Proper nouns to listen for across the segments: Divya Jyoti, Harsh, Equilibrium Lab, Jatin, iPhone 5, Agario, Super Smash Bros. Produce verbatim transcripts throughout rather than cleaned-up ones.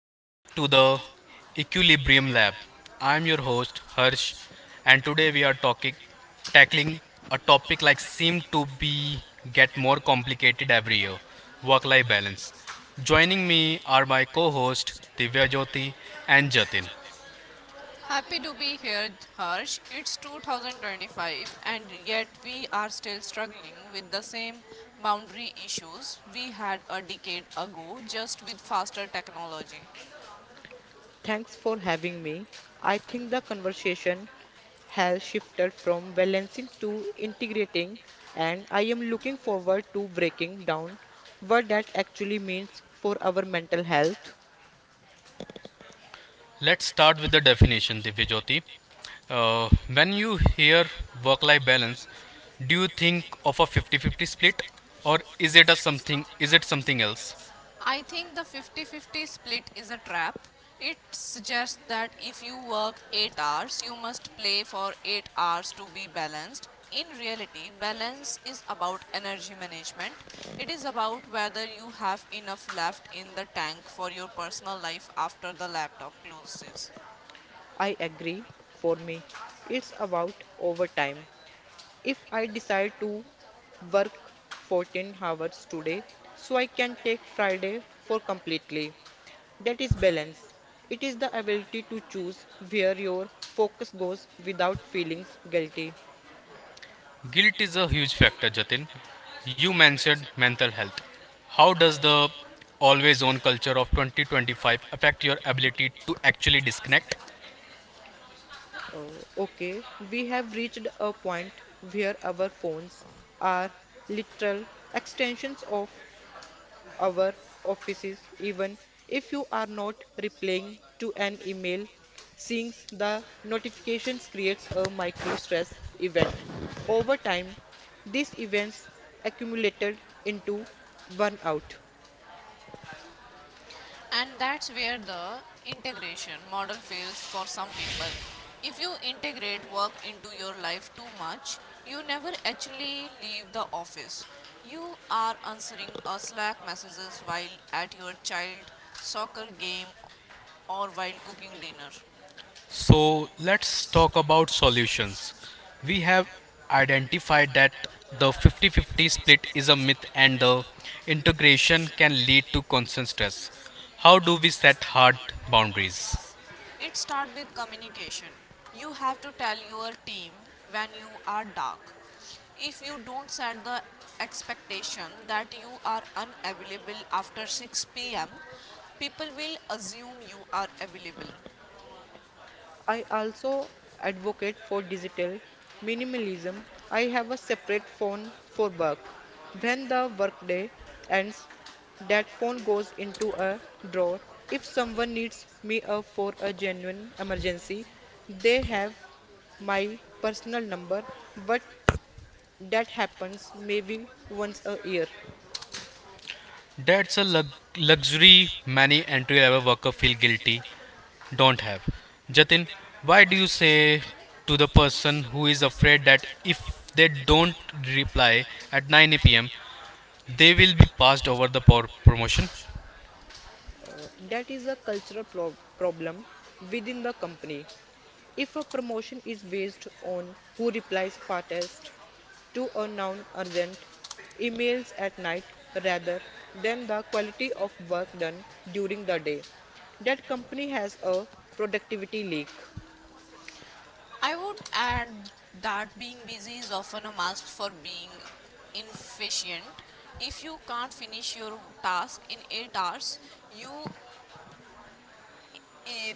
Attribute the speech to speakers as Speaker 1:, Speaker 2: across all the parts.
Speaker 1: Welcome to the Equilibrium Lab. I am your host Harsh, and today we are talking tackling a topic like seem to be get more complicated every year, work-life balance. Joining me are my co-host Divya Jyoti and Jatin.
Speaker 2: Happy to be here, Harsh. It's two thousand twenty-five, and yet we are still struggling with the same boundary issues we had a decade ago, just with faster technology.
Speaker 3: Thanks for having me. I think the conversation has shifted from balancing to integrating, and I am looking forward to breaking down what that actually means for our mental health.
Speaker 1: Let's start with the definition, Divya Jyoti. Uh, when you hear work-life balance, do you think of a fifty fifty split, or is it a something? Is it something else?
Speaker 2: I think the fifty fifty split is a trap. It suggests that if you work eight hours, you must play for eight hours to be balanced. In reality, balance is about energy management. It is about whether you have enough left in the tank for your personal life after the laptop closes.
Speaker 3: I agree, for me, it's about overtime. If I decide to work fourteen hours today, so I can take Friday for completely. That is balance. It is the ability to choose where your focus goes without feeling guilty.
Speaker 1: Guilt is a huge factor, Jatin. You mentioned mental health. How does the always on culture of twenty twenty-five affect your ability to actually disconnect?
Speaker 3: Uh, okay, we have reached a point where our phones are literal extensions of our offices, even if you are not replying to an email. Seeing the notifications creates a micro stress event. Over time, these events accumulated into burnout.
Speaker 2: And that's where the integration model fails for some people. If you integrate work into your life too much, you never actually leave the office. You are answering a Slack messages while at your child soccer game or while cooking dinner.
Speaker 1: So, let's talk about solutions. We have identified that the fifty fifty split is a myth and the integration can lead to constant stress. How do we set hard boundaries?
Speaker 2: It starts with communication. You have to tell your team when you are dark. If you don't set the expectation that you are unavailable after six p m, people will assume you are available.
Speaker 3: I also advocate for digital minimalism. I have a separate phone for work. When the workday ends, that phone goes into a drawer. If someone needs me uh, for a genuine emergency, they have my personal number, but that happens maybe once a year.
Speaker 1: That's a lug- luxury many entry level workers feel guilty don't have. Jatin, why do you say to the person who is afraid that if they don't reply at nine p m, they will be passed over the por- promotion?
Speaker 3: Uh, that is a cultural pro- problem within the company. If a promotion is based on who replies fastest to a non urgent emails at night rather than the quality of work done during the day, that company has a productivity leak.
Speaker 2: I would add that being busy is often a mask for being inefficient. If you can't finish your task in eight hours, you are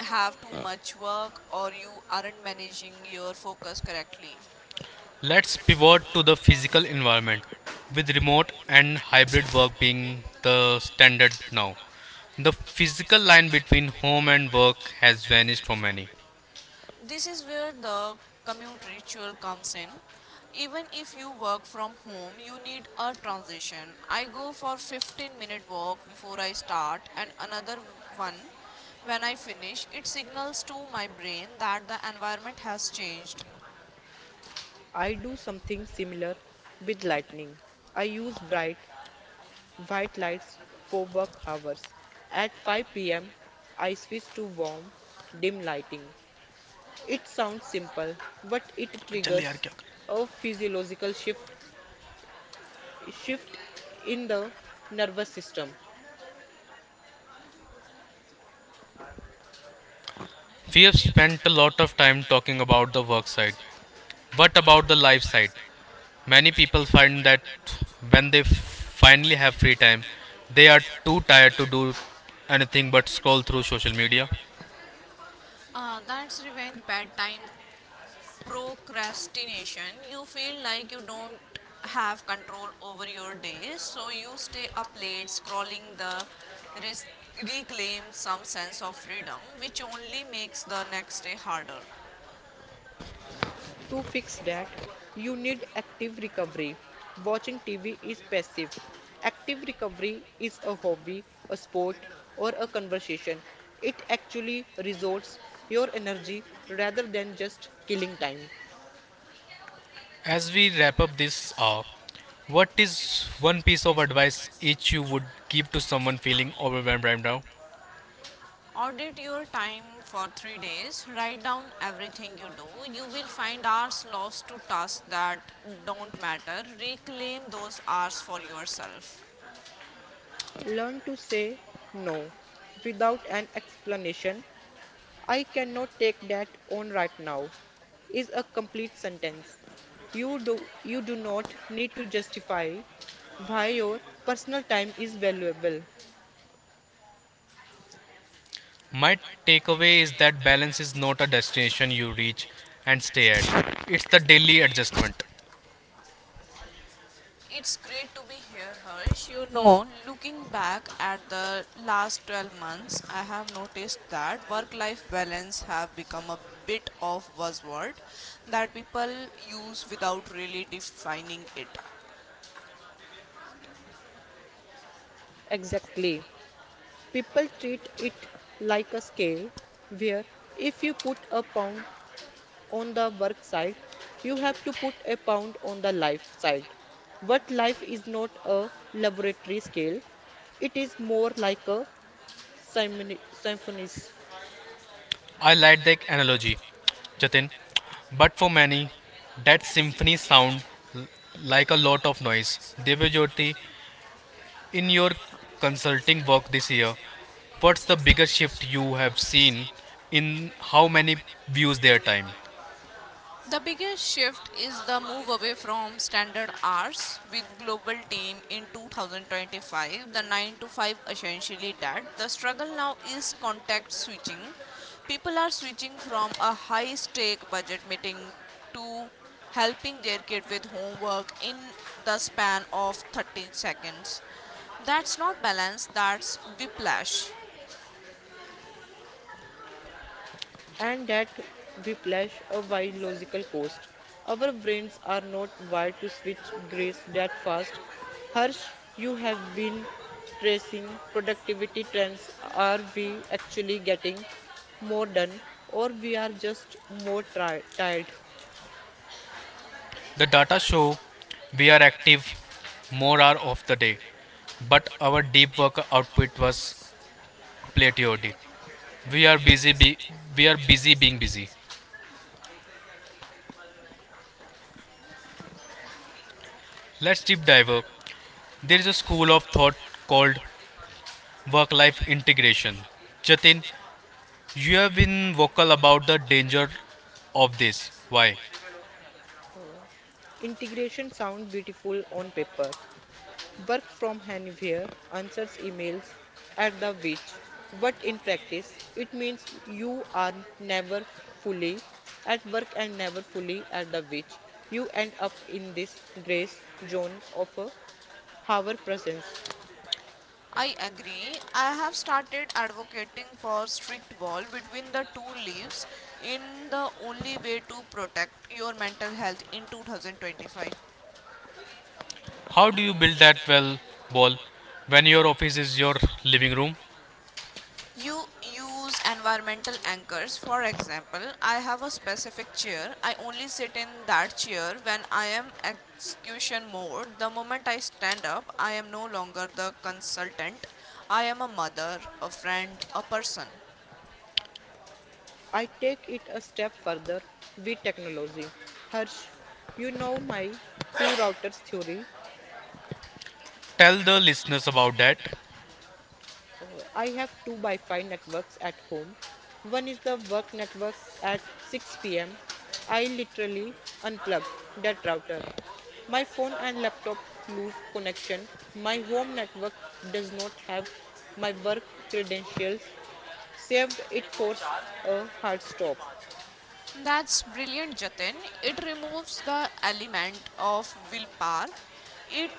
Speaker 2: have too much work or you aren't managing your focus correctly.
Speaker 1: Let's pivot to the physical environment, with remote and hybrid work being the standard now. The physical line between home and work has vanished for many.
Speaker 2: This is where the commute ritual comes in. Even if you work from home, you need a transition. I go for fifteen minute walk before I start and another one when I finish. It signals to my brain that the environment has changed.
Speaker 3: I do something similar with lightning. I use bright white lights for work hours. At five p m, I switch to warm, dim lighting. It sounds simple, but it triggers a physiological shift shift in the nervous system.
Speaker 1: We have spent a lot of time talking about the work side, but about the life side. Many people find that when they finally have free time, they are too tired to do anything but scroll through social media.
Speaker 2: Uh, that's revenge bedtime procrastination. You feel like you don't have control over your day, so you stay up late scrolling the res- reclaim some sense of freedom, which only makes the next day harder.
Speaker 3: To fix that, you need active recovery. Watching T V is passive. Active recovery is a hobby, a sport, or a conversation. It actually resorts your energy rather than just killing time.
Speaker 1: As we wrap up this hour, what is one piece of advice each you would give to someone feeling overwhelmed right now?
Speaker 2: Audit your time for three days. Write down everything you do. You will find hours lost to tasks that don't matter. Reclaim those hours for yourself.
Speaker 3: Learn to say no without an explanation. I cannot take that on right now is a complete sentence. You do you do not need to justify why your personal time is valuable.
Speaker 1: My takeaway is that balance is not a destination you reach and stay at, it's the daily adjustment.
Speaker 2: It's great to be here, Harsh. You know, looking back at the last twelve months, I have noticed that work-life balance have become a bit of buzzword that people use without really defining it.
Speaker 3: Exactly. People treat it like a scale where if you put a pound on the work side, you have to put a pound on the life side. What life is not a laboratory scale, it is more like a symphony. symphony.
Speaker 1: I like that analogy, Jatin. But for many, that symphony sound l- like a lot of noise. Devyajyoti, in your consulting work this year, what's the biggest shift you have seen in how many views their time?
Speaker 2: The biggest shift is the move away from standard hours with global team in two thousand twenty-five. The nine to five essentially died. The struggle now is contact switching. People are switching from a high stake budget meeting to helping their kid with homework in the span of thirty seconds. That's not balance, that's whiplash.
Speaker 3: And that whiplash a wild logical cost. Our brains are not wired to switch gears that fast. Harsh, you have been tracing productivity trends. Are we actually getting more done, or we are just more tri- tired?
Speaker 1: The data show we are active more hour of the day, but our deep work output was plateaued. We are busy. Be- we are busy being busy. Let's deep dive. There is a school of thought called work life integration. Jatin, you have been vocal about the danger of this. Why?
Speaker 3: Hmm. Integration sound beautiful on paper. Work from anywhere answers emails at the which, what in practice, it means you are never fully at work and never fully at the which. You end up in this gray zone of a hour presence.
Speaker 2: I agree. I have started advocating for strict wall between the two leaves in the only way to protect your mental health in two thousand twenty-five.
Speaker 1: How do you build that well wall when your office is your living room?
Speaker 2: You use environmental anchors. For example, I have a specific chair. I only sit in that chair when I am execution mode. The moment I stand up, I am no longer the consultant. I am a mother, a friend, a person.
Speaker 3: I take it a step further with technology. Harsh, you know my two routers theory.
Speaker 1: Tell the listeners about that.
Speaker 3: Uh, I have two by five networks at home. One is the work network at six p m. I literally unplug that router. My phone and laptop lose connection. My home network does not have my work credentials saved. It force a hard stop.
Speaker 2: That's brilliant, Jatin. It removes the element of willpower. It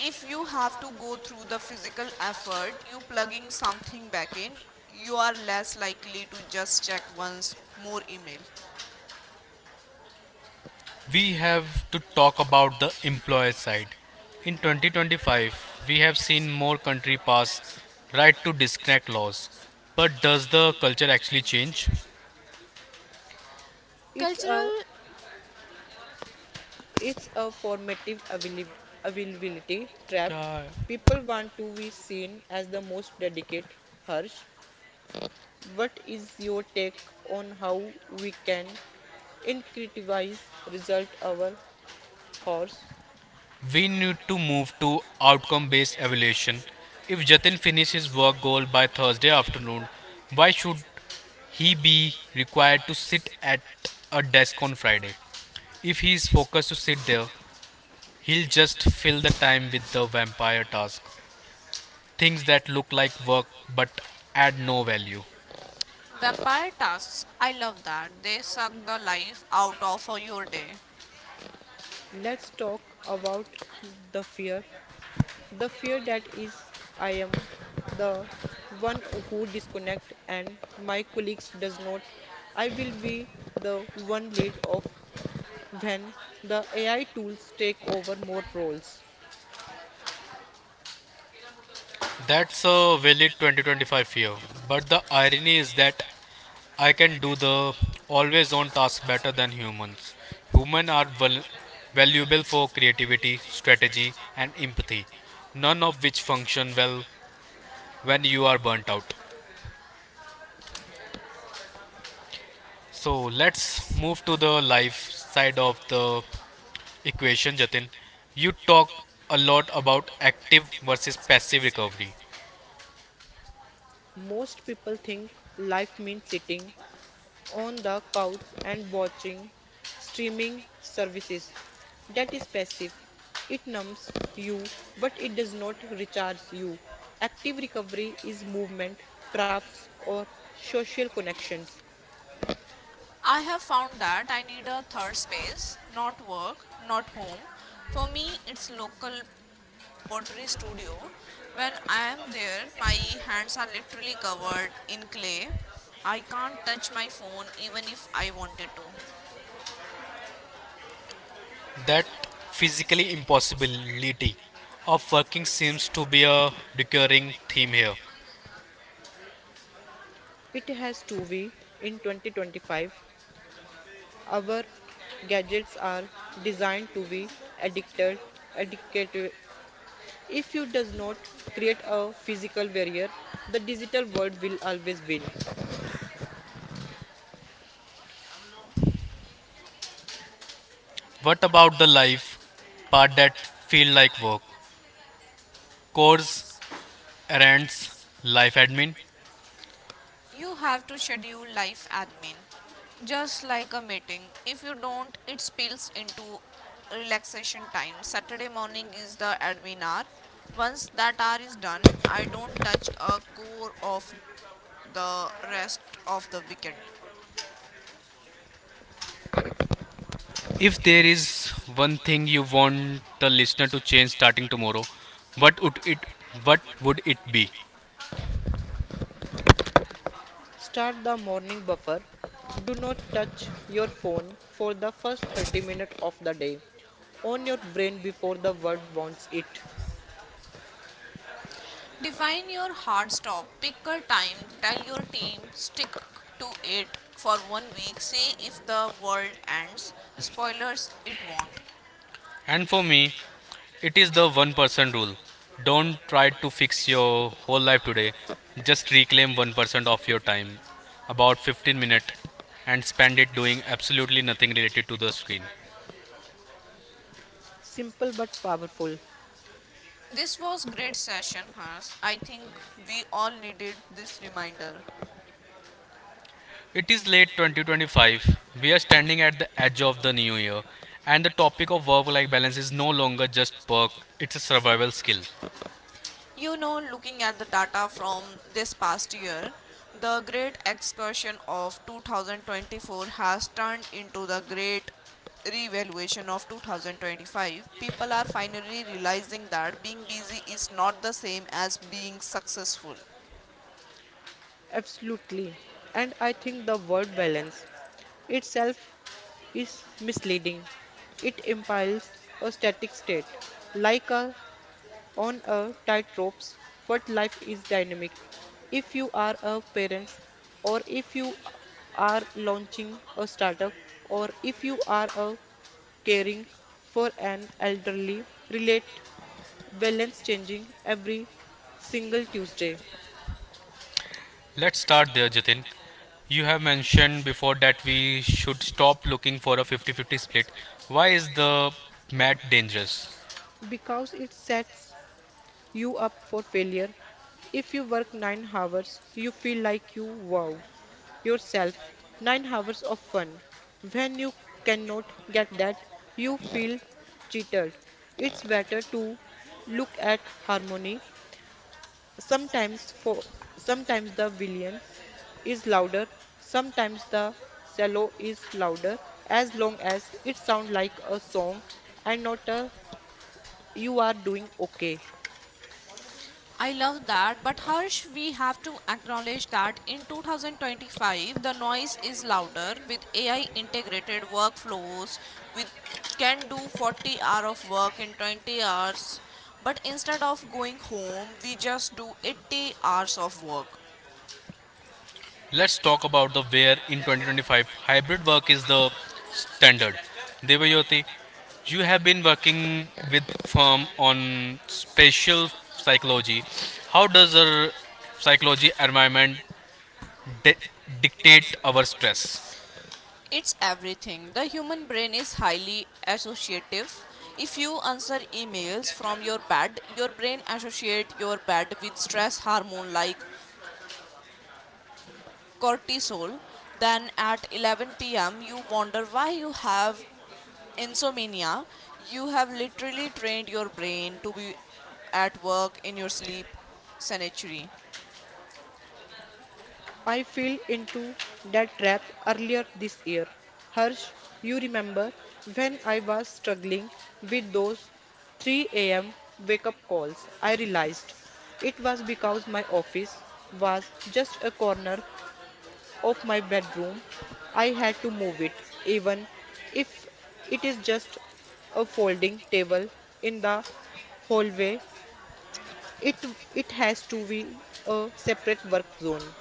Speaker 2: if you have to go through the physical effort, you plugging something back in, you are less likely to just check once more email.
Speaker 1: We have to talk about the employer side. In twenty twenty-five, we have seen more country pass right to disconnect laws. But does the culture actually change?
Speaker 3: It's a
Speaker 2: Cultural
Speaker 3: it's a formative avail- availability trap.
Speaker 1: Yeah.
Speaker 3: People want to be seen as the most dedicated. Harsh, what is your take on how we can incentivize result our horse?
Speaker 1: We need to move to outcome based evaluation. If Jatin finishes his work goal by Thursday afternoon, why should he be required to sit at a desk on Friday? If he is focused to sit there, he'll just fill the time with the vampire task. Things that look like work but add no value.
Speaker 2: vampire tasks, I love that. They suck the life out of your day.
Speaker 3: Let's talk about the fear. The fear that is I am the one who disconnect and my colleagues does not. I will be the one lead of when the A I tools take over more roles.
Speaker 1: That's a valid twenty twenty-five fear. But the irony is that I can do the always on task better than humans. Humans are val- valuable for creativity, strategy, and empathy, none of which function well when you are burnt out. So let's move to the life side of the equation, Jatin. You talk a lot about active versus passive recovery.
Speaker 3: Most people think life means sitting on the couch and watching streaming services. That is passive. It numbs you, but it does not recharge you. Active recovery is movement, crafts, or social connections.
Speaker 2: I have found that I need a third space, not work, not home. For me, it's local pottery studio. When I am there, my hands are literally covered in clay. I can't touch my phone even if I wanted to.
Speaker 1: That physically impossibility of working seems to be a recurring theme here.
Speaker 3: It has to be in twenty twenty-five. Our gadgets are designed to be addicted, addictive. If you does not create a physical barrier, the digital world will always win.
Speaker 1: What about the life part that feel like work? Course, errands, life admin.
Speaker 2: You have to schedule life admin, just like a meeting. If you don't, it spills into relaxation time. Saturday morning is the admin hour. Once that hour is done, I don't touch a core of the rest of the weekend.
Speaker 1: If there is one thing you want the listener to change starting tomorrow, what would it what would it be?
Speaker 3: Start the morning buffer. Do not touch your phone for the first thirty minutes of the day. On your brain before the world wants it.
Speaker 2: Define your hard stop. Pick a time. Tell your team stick to it for one week. See if the world ends. Spoilers, it won't.
Speaker 1: And for me, it is the one percent rule. Don't try to fix your whole life today. Just reclaim one percent of your time, about fifteen minutes, and spend it doing absolutely nothing related to the screen.
Speaker 3: Simple but powerful.
Speaker 2: This was great session, Hans. I think we all needed this reminder.
Speaker 1: It is late twenty twenty-five. We are standing at the edge of the new year, and the topic of work life balance is no longer just perk, it's a survival skill.
Speaker 2: You know, looking at the data from this past year, the Great Excursion of two thousand twenty-four has turned into the Great Revaluation of two thousand twenty-five. People are finally realizing that being busy is not the same as being successful.
Speaker 3: Absolutely. And I think the word balance itself is misleading. It implies a static state, like a on a tightrope what life is dynamic if you are a parent or if you are launching a startup or if you are a caring for an elderly relate balance changing every single tuesday
Speaker 1: Let's start there, Jatin. You have mentioned before that we should stop looking for a fifty fifty split. Why is the mat dangerous?
Speaker 3: because it sets you up for failure if you work nine hours you feel like you wow yourself nine hours of fun. When you cannot get that, you feel cheated. It's better to look at harmony. Sometimes for Sometimes the villain is louder, sometimes the cello is louder. As long as it sounds like a song and not a, you are doing okay.
Speaker 2: I love that, but Harsh, we have to acknowledge that in twenty twenty-five the noise is louder with A I integrated workflows which can do forty hours of work in twenty hours, but instead of going home, we just do eighty hours of work.
Speaker 1: Let's talk about the where in twenty twenty-five hybrid work is the standard. Devayoti, you have been working with firm on spatial psychology. How does our psychology environment di- dictate our stress?
Speaker 2: It's everything. The human brain is highly associative. If you answer emails from your bed, your brain associate your bed with stress hormone like cortisol, then at eleven p m you wonder why you have insomnia. You have literally trained your brain to be at work in your sleep sanctuary.
Speaker 3: I fell into that trap earlier this year. Harsh, you remember when I was struggling with those three a m wake up calls? I realized it was because my office was just a corner of my bedroom. I had to move it, even if it is just a folding table in the hallway. It, it has to be a separate work zone.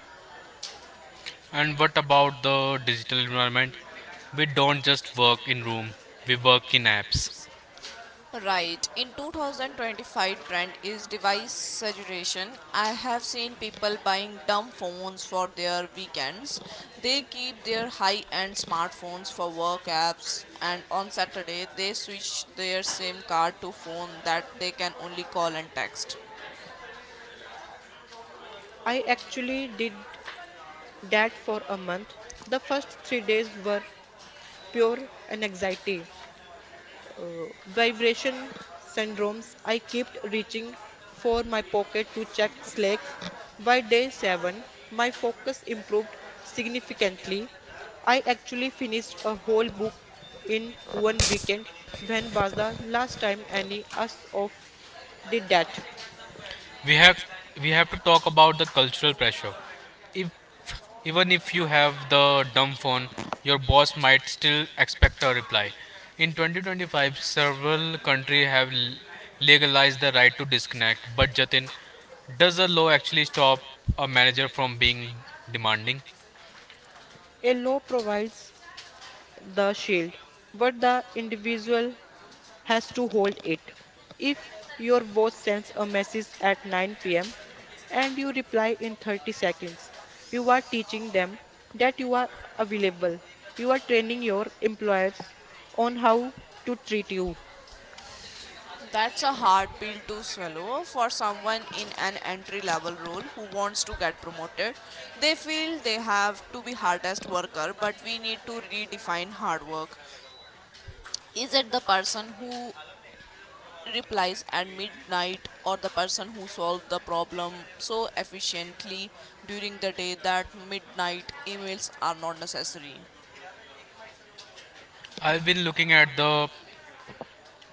Speaker 1: And what about the digital environment? We don't just work in room, we work in apps.
Speaker 2: Right. In twenty twenty-five trend is device saturation. I have seen people buying dumb phones for their weekends. They keep their high-end smartphones for work apps and on Saturday they switch their SIM card to phone that they can only call and text.
Speaker 3: I actually did that for a month. The first three days were pure anxiety, uh, vibration syndromes. I kept reaching for my pocket to check slacks. By day seven, my focus improved significantly. I actually finished a whole book in one weekend. When was the last time any us of did that?
Speaker 1: we have we have to talk about the cultural pressure if even if you have the dumb phone your boss might still expect a reply in twenty twenty-five several countries have l- legalized the right to disconnect but jatin does the law actually stop a manager from being demanding.
Speaker 3: A law provides the shield, but the individual has to hold it. If your boss sends a message at nine p m and you reply in thirty seconds, you are teaching them that you are available. You are training your employers on how to treat you.
Speaker 2: That's a hard pill to swallow for someone in an entry level role who wants to get promoted. They feel they have to be hardest worker, but we need to redefine hard work. Is it the person who replies at midnight or the person who solves the problem so efficiently during the day that midnight emails are not necessary?
Speaker 1: I've been looking at the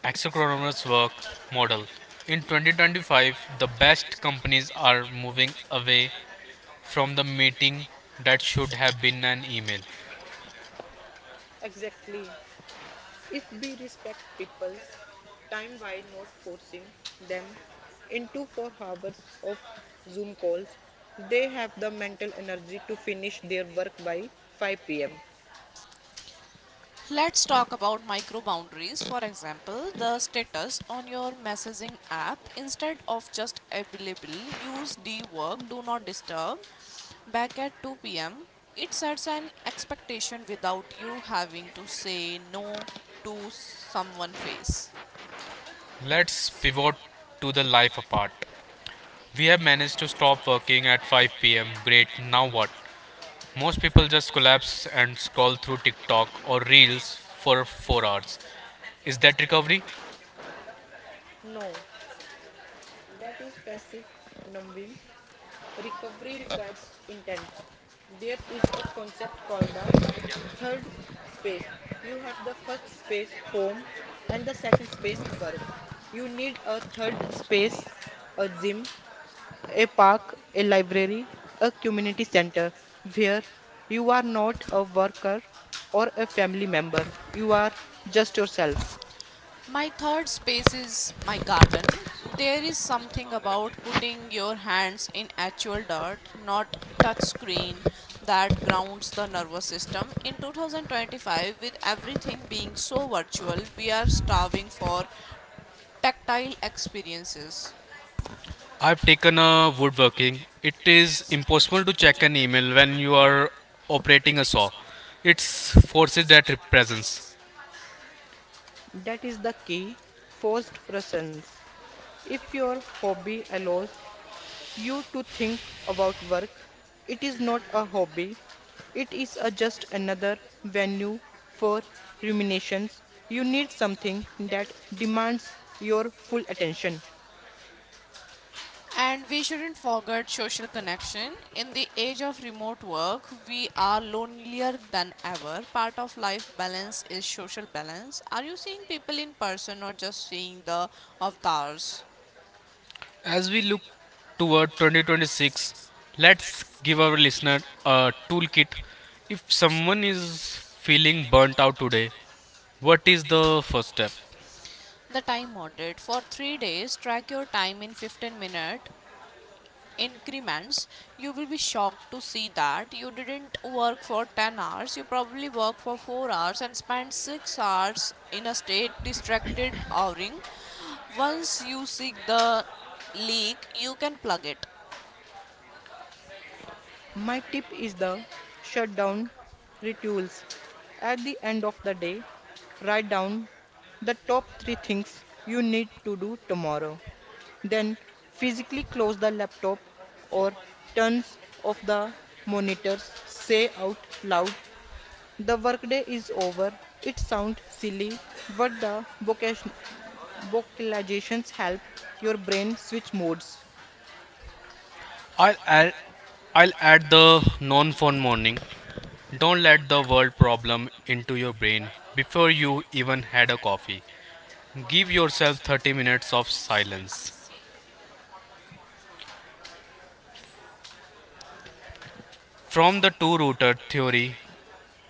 Speaker 1: asynchronous work model. In twenty twenty-five, the best companies are moving away from the meeting that should have been an email.
Speaker 3: Exactly. If we respect people's time by not forcing them into four hours of Zoom calls, they have the mental energy to finish their work by five p m.
Speaker 2: Let's talk about micro boundaries. For example, the status on your messaging app instead of just available, use D work, do not disturb back at two p m. It sets an expectation without you having to say no to someone face.
Speaker 1: Let's pivot to the life apart. We have managed to stop working at five p m. Great, now what? Most people just collapse and scroll through TikTok or Reels for four hours. Is that recovery?
Speaker 3: No, that is passive numbing. Recovery requires intent. There is a concept called the third space. You have the first space, home, and the second space, work. You need a third space, a gym, a park, a library, a community center where you are not a worker or a family member. You are just yourself.
Speaker 2: My third space is my garden. There is something about putting your hands in actual dirt, not touch screen, that grounds the nervous system. In twenty twenty-five, with everything being so virtual, we are starving for tactile experiences.
Speaker 1: I've taken a woodworking. It is impossible to check an email when you are operating a saw. It's forces that represents.
Speaker 3: That is the key. Forced presence. If your hobby allows you to think about work, it is not a hobby. It is a just another venue for ruminations. You need something that demands your full attention.
Speaker 2: And we shouldn't forget social connection. In the age of remote work, we are lonelier than ever. Part of life balance is social balance. Are you seeing people in person or just seeing the avatars?
Speaker 1: As we look toward twenty twenty-six, let's give our listener a toolkit. If someone is feeling burnt out today, what is the first step?
Speaker 2: The time audit for three days. Track your time in fifteen minutes increments, you will be shocked to see that you didn't work for ten hours, you probably worked for four hours and spent six hours in a state distracted outing. Once you see the leak, you can plug it.
Speaker 3: My tip is the shutdown rituals. At the end of the day, write down the top three things you need to do tomorrow. Then physically close the laptop or turns off the monitors, say out loud the workday is over. It sounds silly, but the vocation- vocalizations help your brain switch modes.
Speaker 1: I'll add, I'll add the non phone morning. Don't let the world problem into your brain before you even had a coffee. Give yourself thirty minutes of silence. From the two router theory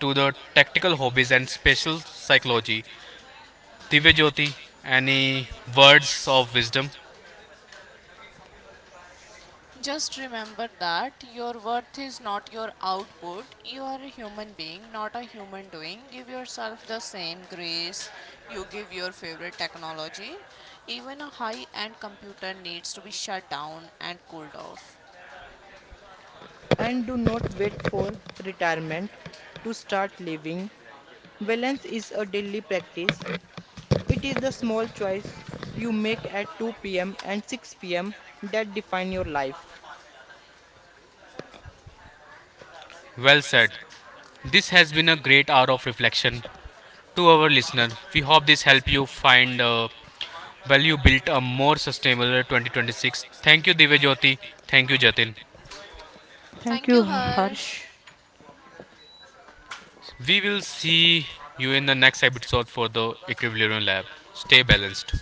Speaker 1: to the tactical hobbies and special psychology, Divya Jyoti, any words of wisdom?
Speaker 2: Just remember that your worth is not your output. You are a human being, not a human doing. Give yourself the same grace you give your favorite technology. Even a high end computer needs to be shut down and cooled off.
Speaker 3: And do not wait for retirement to start living. Balance is a daily practice. It is the small choice you make at two p m and six p m that define your life.
Speaker 1: Well said. This has been a great hour of reflection. To our listener, we hope this helped you find uh, value built a more sustainable twenty twenty-six. Thank you, Divya Jyoti. Thank you, Jatin.
Speaker 3: Thank
Speaker 2: Thank
Speaker 3: you,
Speaker 2: you, Harsh.
Speaker 3: Harsh.
Speaker 1: We will see you in the next episode for the Equilibrium Lab. Stay balanced.